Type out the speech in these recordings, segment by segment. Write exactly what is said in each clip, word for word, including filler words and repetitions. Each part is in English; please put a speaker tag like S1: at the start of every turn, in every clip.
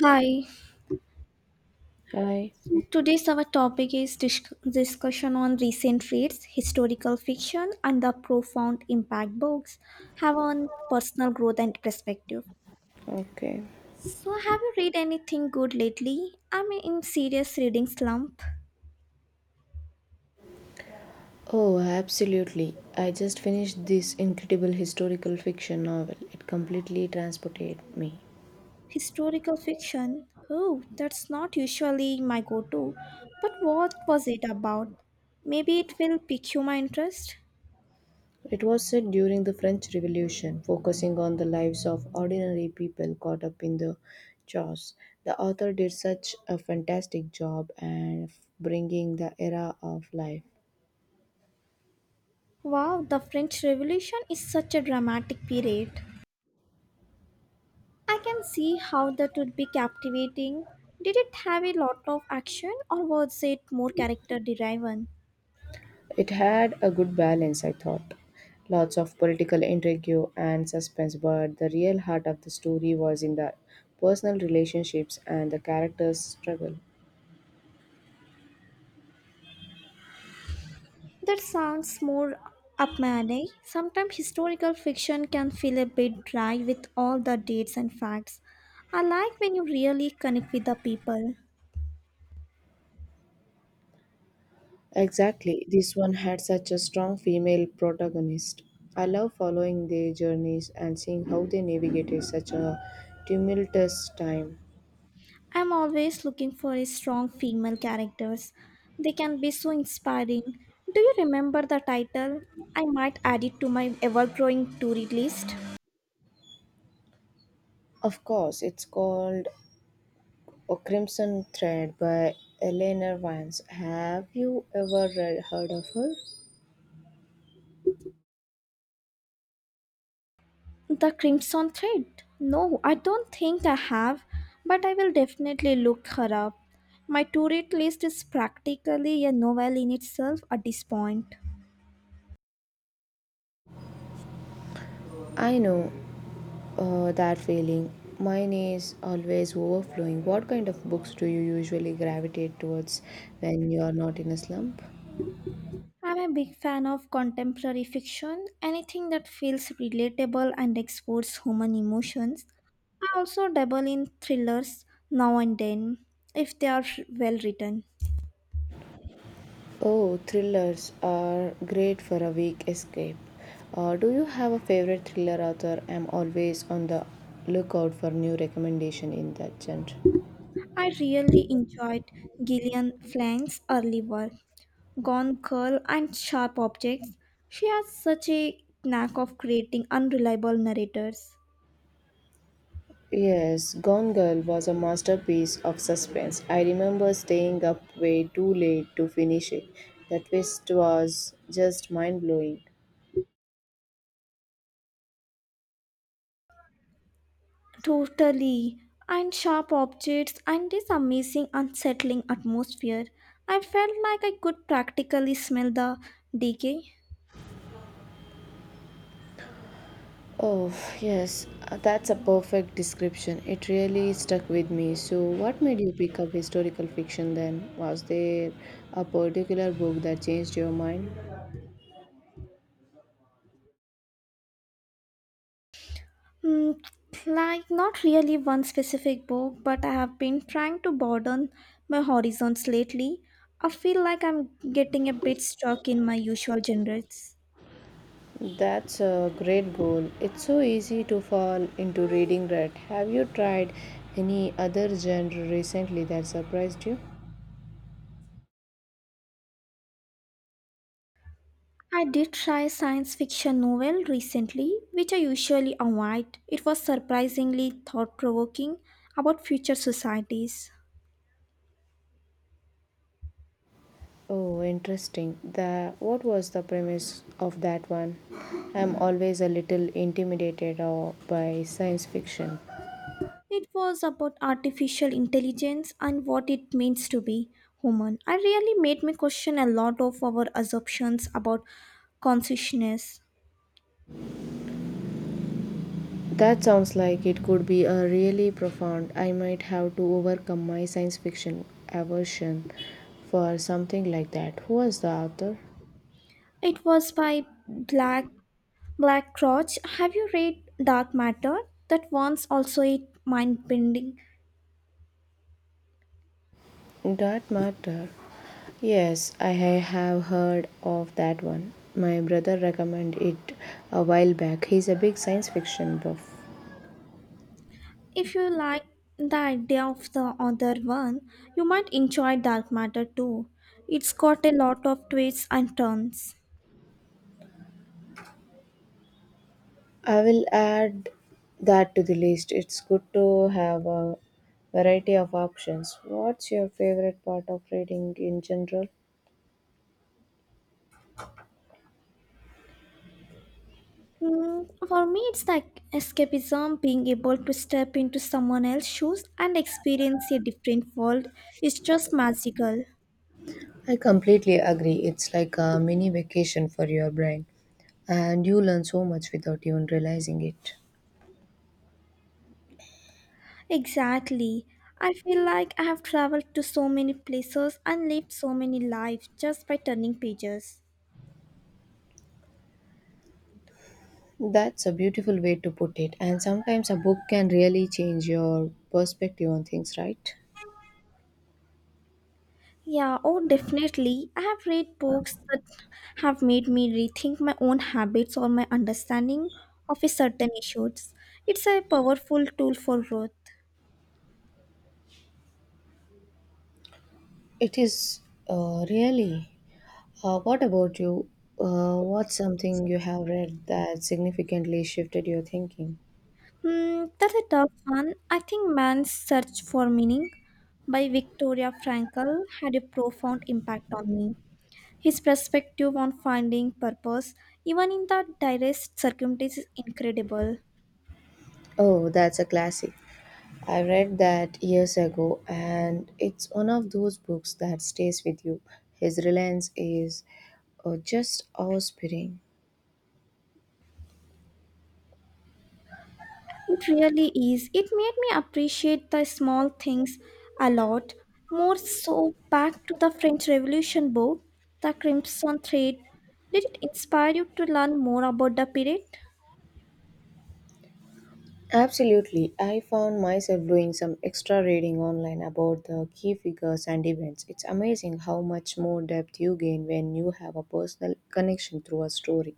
S1: Hi.
S2: Hi.
S1: So today's our topic is dis- discussion on recent reads, historical fiction, and the profound impact books have on personal growth and perspective.
S2: Okay.
S1: So, have you read anything good lately? I'm in serious reading slump.
S2: Oh, absolutely. I just finished this incredible historical fiction novel. It completely transported me.
S1: Historical fiction. Oh, that's not usually my go-to. But what was it about? Maybe it will pique my interest.
S2: It was set during the French Revolution, focusing on the lives of ordinary people caught up in the chaos. The author did such a fantastic job and bringing the era of life.
S1: Wow, the French Revolution is such a dramatic period. I can see how that would be captivating. Did it have a lot of action or was it more character driven?
S2: It had a good balance, I thought. Lots of political intrigue and suspense, but the real heart of the story was in the personal relationships and the characters' struggle.
S1: That sounds more up my alley. Sometimes historical fiction can feel a bit dry with all the dates and facts. I like when you really connect with the people.
S2: Exactly, this one had such a strong female protagonist. I love following their journeys and seeing how they navigated such a tumultuous time.
S1: I'm always looking for a strong female characters. They can be so inspiring. Do you remember the title? I might add it to my ever growing to read list.
S2: Of course, it's called A Crimson Thread by Eleanor Vance. Have you ever read, heard of her?
S1: The Crimson Thread? No, I don't think I have, but I will definitely look her up. My to read list is practically a novel in itself at this point.
S2: I know uh, that feeling. Mine is always overflowing. What kind of books do you usually gravitate towards when you are not in a slump?
S1: I'm a big fan of contemporary fiction, anything that feels relatable and explores human emotions. I also dabble in thrillers now and then, if they are well written.
S2: Oh, thrillers are great for a week escape. Uh, do you have a favorite thriller author? I'm always on the lookout for new recommendation in that genre.
S1: I really enjoyed Gillian Flank's early work. Gone curl and sharp objects. She has such a knack of creating unreliable narrators.
S2: Yes, Gone Girl was a masterpiece of suspense. I remember staying up way too late to finish it. The twist was just mind blowing.
S1: Totally. And sharp objects and this amazing unsettling atmosphere. I felt like I could practically smell the decay.
S2: Oh, yes, uh, that's a perfect description. It really stuck with me. So, what made you pick up historical fiction then? Was there a particular book that changed your mind?
S1: Hmm, like not really one specific book, but I have been trying to broaden my horizons lately. I feel like I'm getting a bit stuck in my usual genres.
S2: That's a great goal. It's so easy to fall into reading rut. Have you tried any other genre recently that surprised you?
S1: I did try a science fiction novel recently, which I usually avoid. It was surprisingly thought provoking about future societies.
S2: Oh, interesting. The What was the premise of that one? I'm always a little intimidated uh, by science fiction.
S1: It was about artificial intelligence and what it means to be human. It really made me question a lot of our assumptions about consciousness.
S2: That sounds like it could be a really profound. I might have to overcome my science fiction aversion for something like that. Who was the author?
S1: It was by Black Black Crouch. Have you read Dark Matter? That one's also a mind bending.
S2: That matter. Yes, I have heard of that one. My brother recommended it a while back. He's a big science fiction buff.
S1: If you like the idea of the other one, you might enjoy Dark Matter too. It's got a lot of twists and turns.
S2: I will add that to the list. It's good to have a variety of options. What's your favorite part of reading in general?
S1: Mm, for me, it's like escapism, being able to step into someone else's shoes and experience a different world is just magical.
S2: I completely agree. It's like a mini vacation for your brain, and you learn so much without even realizing it.
S1: Exactly. I feel like I have traveled to so many places and lived so many lives just by turning pages.
S2: That's a beautiful way to put it, and sometimes a book can really change your perspective on things, right?
S1: Yeah, oh, definitely. I have read books that have made me rethink my own habits or my understanding of a certain issues. It's a powerful tool for growth.
S2: It is uh, really. Uh, what about you? Uh, what's something you have read that significantly shifted your thinking?
S1: Hmm, that's a tough one. I think Man's Search for Meaning by Victoria Frankl had a profound impact on me. His perspective on finding purpose, even in the direst circumstances, is incredible.
S2: Oh, that's a classic. I read that years ago, and it's one of those books that stays with you. His reliance is uh, just awe-inspiring.
S1: It really is. It made me appreciate the small things a lot more. So, back to the French Revolution book, The Crimson Thread. Did it inspire you to learn more about the period?
S2: Absolutely. I found myself doing some extra reading online about the key figures and events. It's amazing how much more depth you gain when you have a personal connection through a story.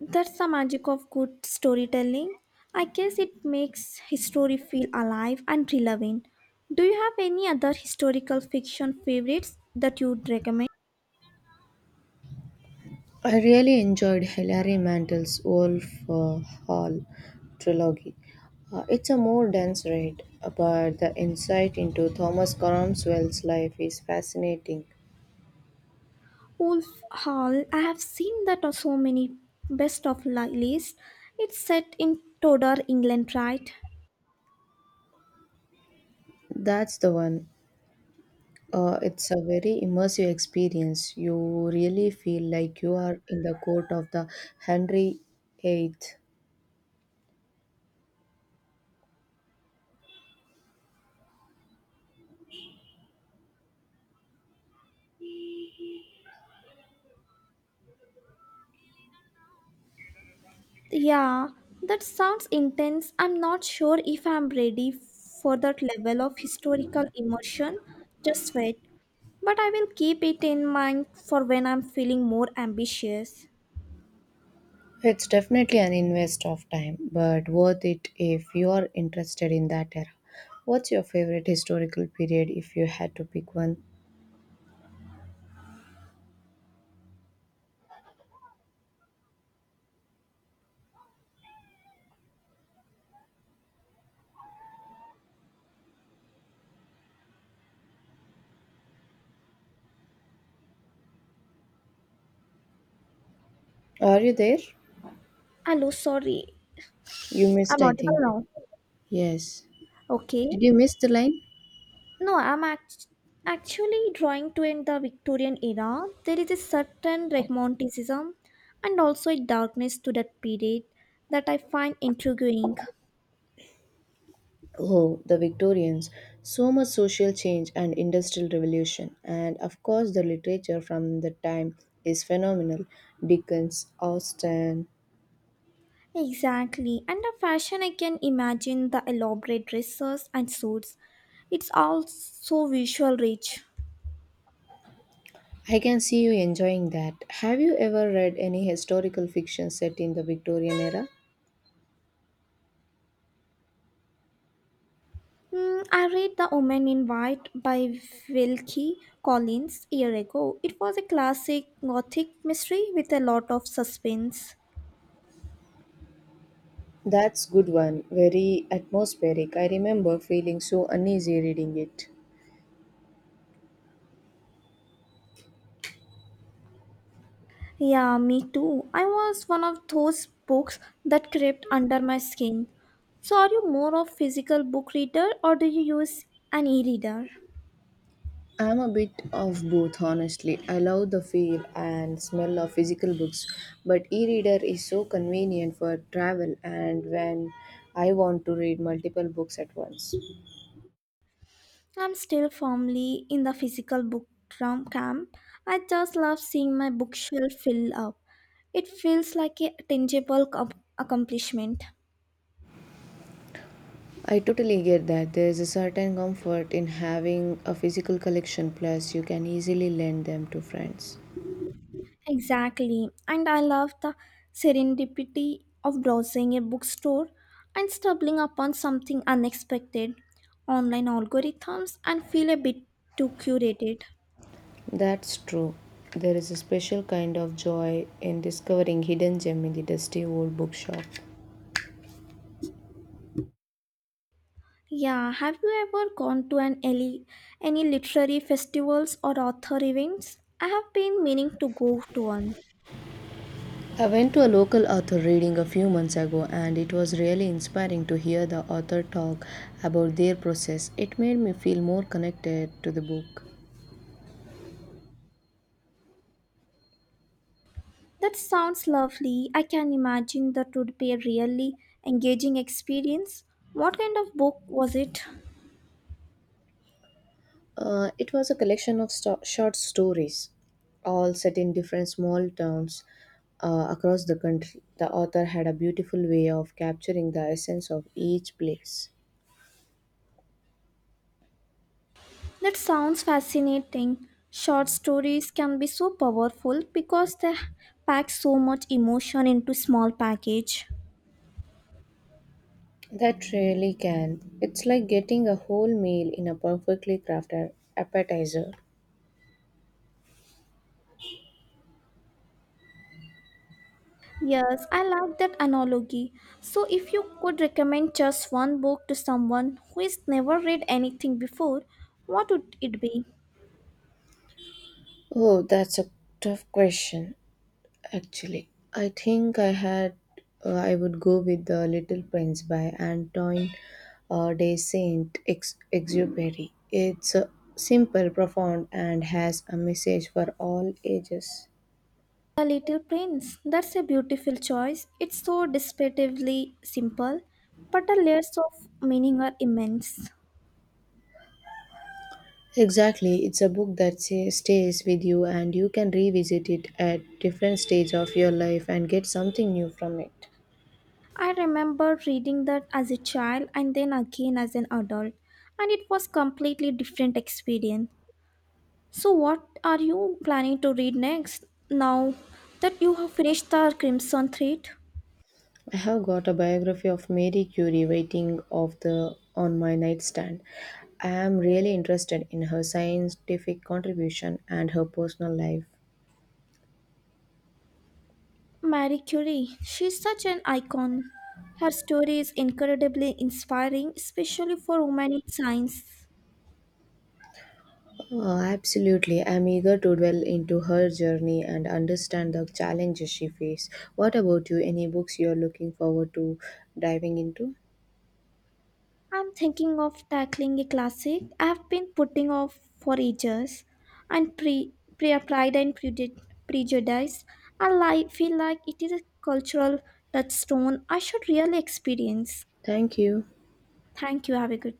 S1: That's the magic of good storytelling. I guess it makes history feel alive and relevant. Do you have any other historical fiction favorites that you'd recommend?
S2: I really enjoyed Hilary Mantel's Wolf uh, Hall trilogy. Uh, it's a more dense read, but the insight into Thomas Cromwell's life is fascinating.
S1: Wolf Hall. I have seen that on so many best of li- list. It's set in Tudor, England, right?
S2: That's the one. Uh, it's a very immersive experience. You really feel like you are in the court of the Henry eight.
S1: Yeah, that sounds intense. I'm not sure if I'm ready for that level of historical immersion just wait, but I will keep it in mind for when I'm feeling more ambitious.
S2: It's definitely an invest of time, but worth it if you are interested in that era. What's your favorite historical period if you had to pick one? Are you there?
S1: Hello, sorry.
S2: You missed,
S1: I'm
S2: I
S1: audible
S2: think.
S1: now.
S2: Yes.
S1: Okay.
S2: Did you miss the line?
S1: No, I'm act- actually drawing to in the Victorian era. There is a certain romanticism and also a darkness to that period that I find intriguing.
S2: Oh, the Victorians. So much social change and industrial revolution. And of course, the literature from the time is phenomenal. Dickens, Austen.
S1: Exactly, and the fashion I can imagine the elaborate dresses and suits. It's all so visual rich.
S2: I can see you enjoying that. Have you ever read any historical fiction set in the Victorian era?
S1: Mm, I read The Woman in White by Wilkie Collins a year ago. It was a classic gothic mystery with a lot of suspense.
S2: That's good one. Very atmospheric. I remember feeling so uneasy reading it.
S1: Yeah, me too. I was one of those books that crept under my skin. So, are you more of physical book reader or do you use an e-reader?
S2: I'm a bit of both, honestly. I love the feel and smell of physical books, but e-reader is so convenient for travel and when I want to read multiple books at once.
S1: I'm still firmly in the physical book drum camp. I just love seeing my bookshelf fill up. It feels like a tangible com- accomplishment.
S2: I totally get that. There is a certain comfort in having a physical collection plus you can easily lend them to friends.
S1: Exactly. And I love the serendipity of browsing a bookstore and stumbling upon something unexpected, online algorithms, and feel a bit too curated.
S2: That's true. There is a special kind of joy in discovering hidden gem in the dusty old bookshop.
S1: Yeah, have you ever gone to an ele- any literary festivals or author events? I have been meaning to go to one.
S2: I went to a local author reading a few months ago and it was really inspiring to hear the author talk about their process. It made me feel more connected to the book.
S1: That sounds lovely. I can imagine that would be a really engaging experience. What kind of book was it?
S2: Uh, it was a collection of sto- short stories, all set in different small towns uh, across the country. The author had a beautiful way of capturing the essence of each place.
S1: That sounds fascinating. Short stories can be so powerful because they pack so much emotion into small package.
S2: That really can. It's like getting a whole meal in a perfectly crafted appetizer.
S1: Yes, I like that analogy. So if you could recommend just one book to someone who has never read anything before, what would it be?
S2: Oh, that's a tough question, actually. I think I had, uh, I would go with The Little Prince by Antoine uh, de Saint Ex- Exupery. It's uh, simple, profound, and has a message for all ages.
S1: The Little Prince. That's a beautiful choice. It's so descriptively simple, but the layers of meaning are immense.
S2: Exactly, it's a book that sa- stays with you and you can revisit it at different stages of your life and get something new from it.
S1: I remember reading that as a child and then again as an adult, and it was completely different experience. So what are you planning to read next now that you have finished the Crimson Thread?
S2: I have got a biography of Mary Curie waiting of the on my nightstand. I am really interested in her scientific contribution and her personal life.
S1: Marie Curie, she's such an icon. Her story is incredibly inspiring, especially for women in science.
S2: Oh, absolutely. I'm eager to dwell into her journey and understand the challenges she faced. What about you? Any books you're looking forward to diving into?
S1: I'm thinking of tackling a classic I've been putting off for ages, and pre, pre Pride and Prejud- Prejudice. I li- feel like it is a cultural touchstone I should really experience.
S2: Thank you.
S1: Thank you. Have a good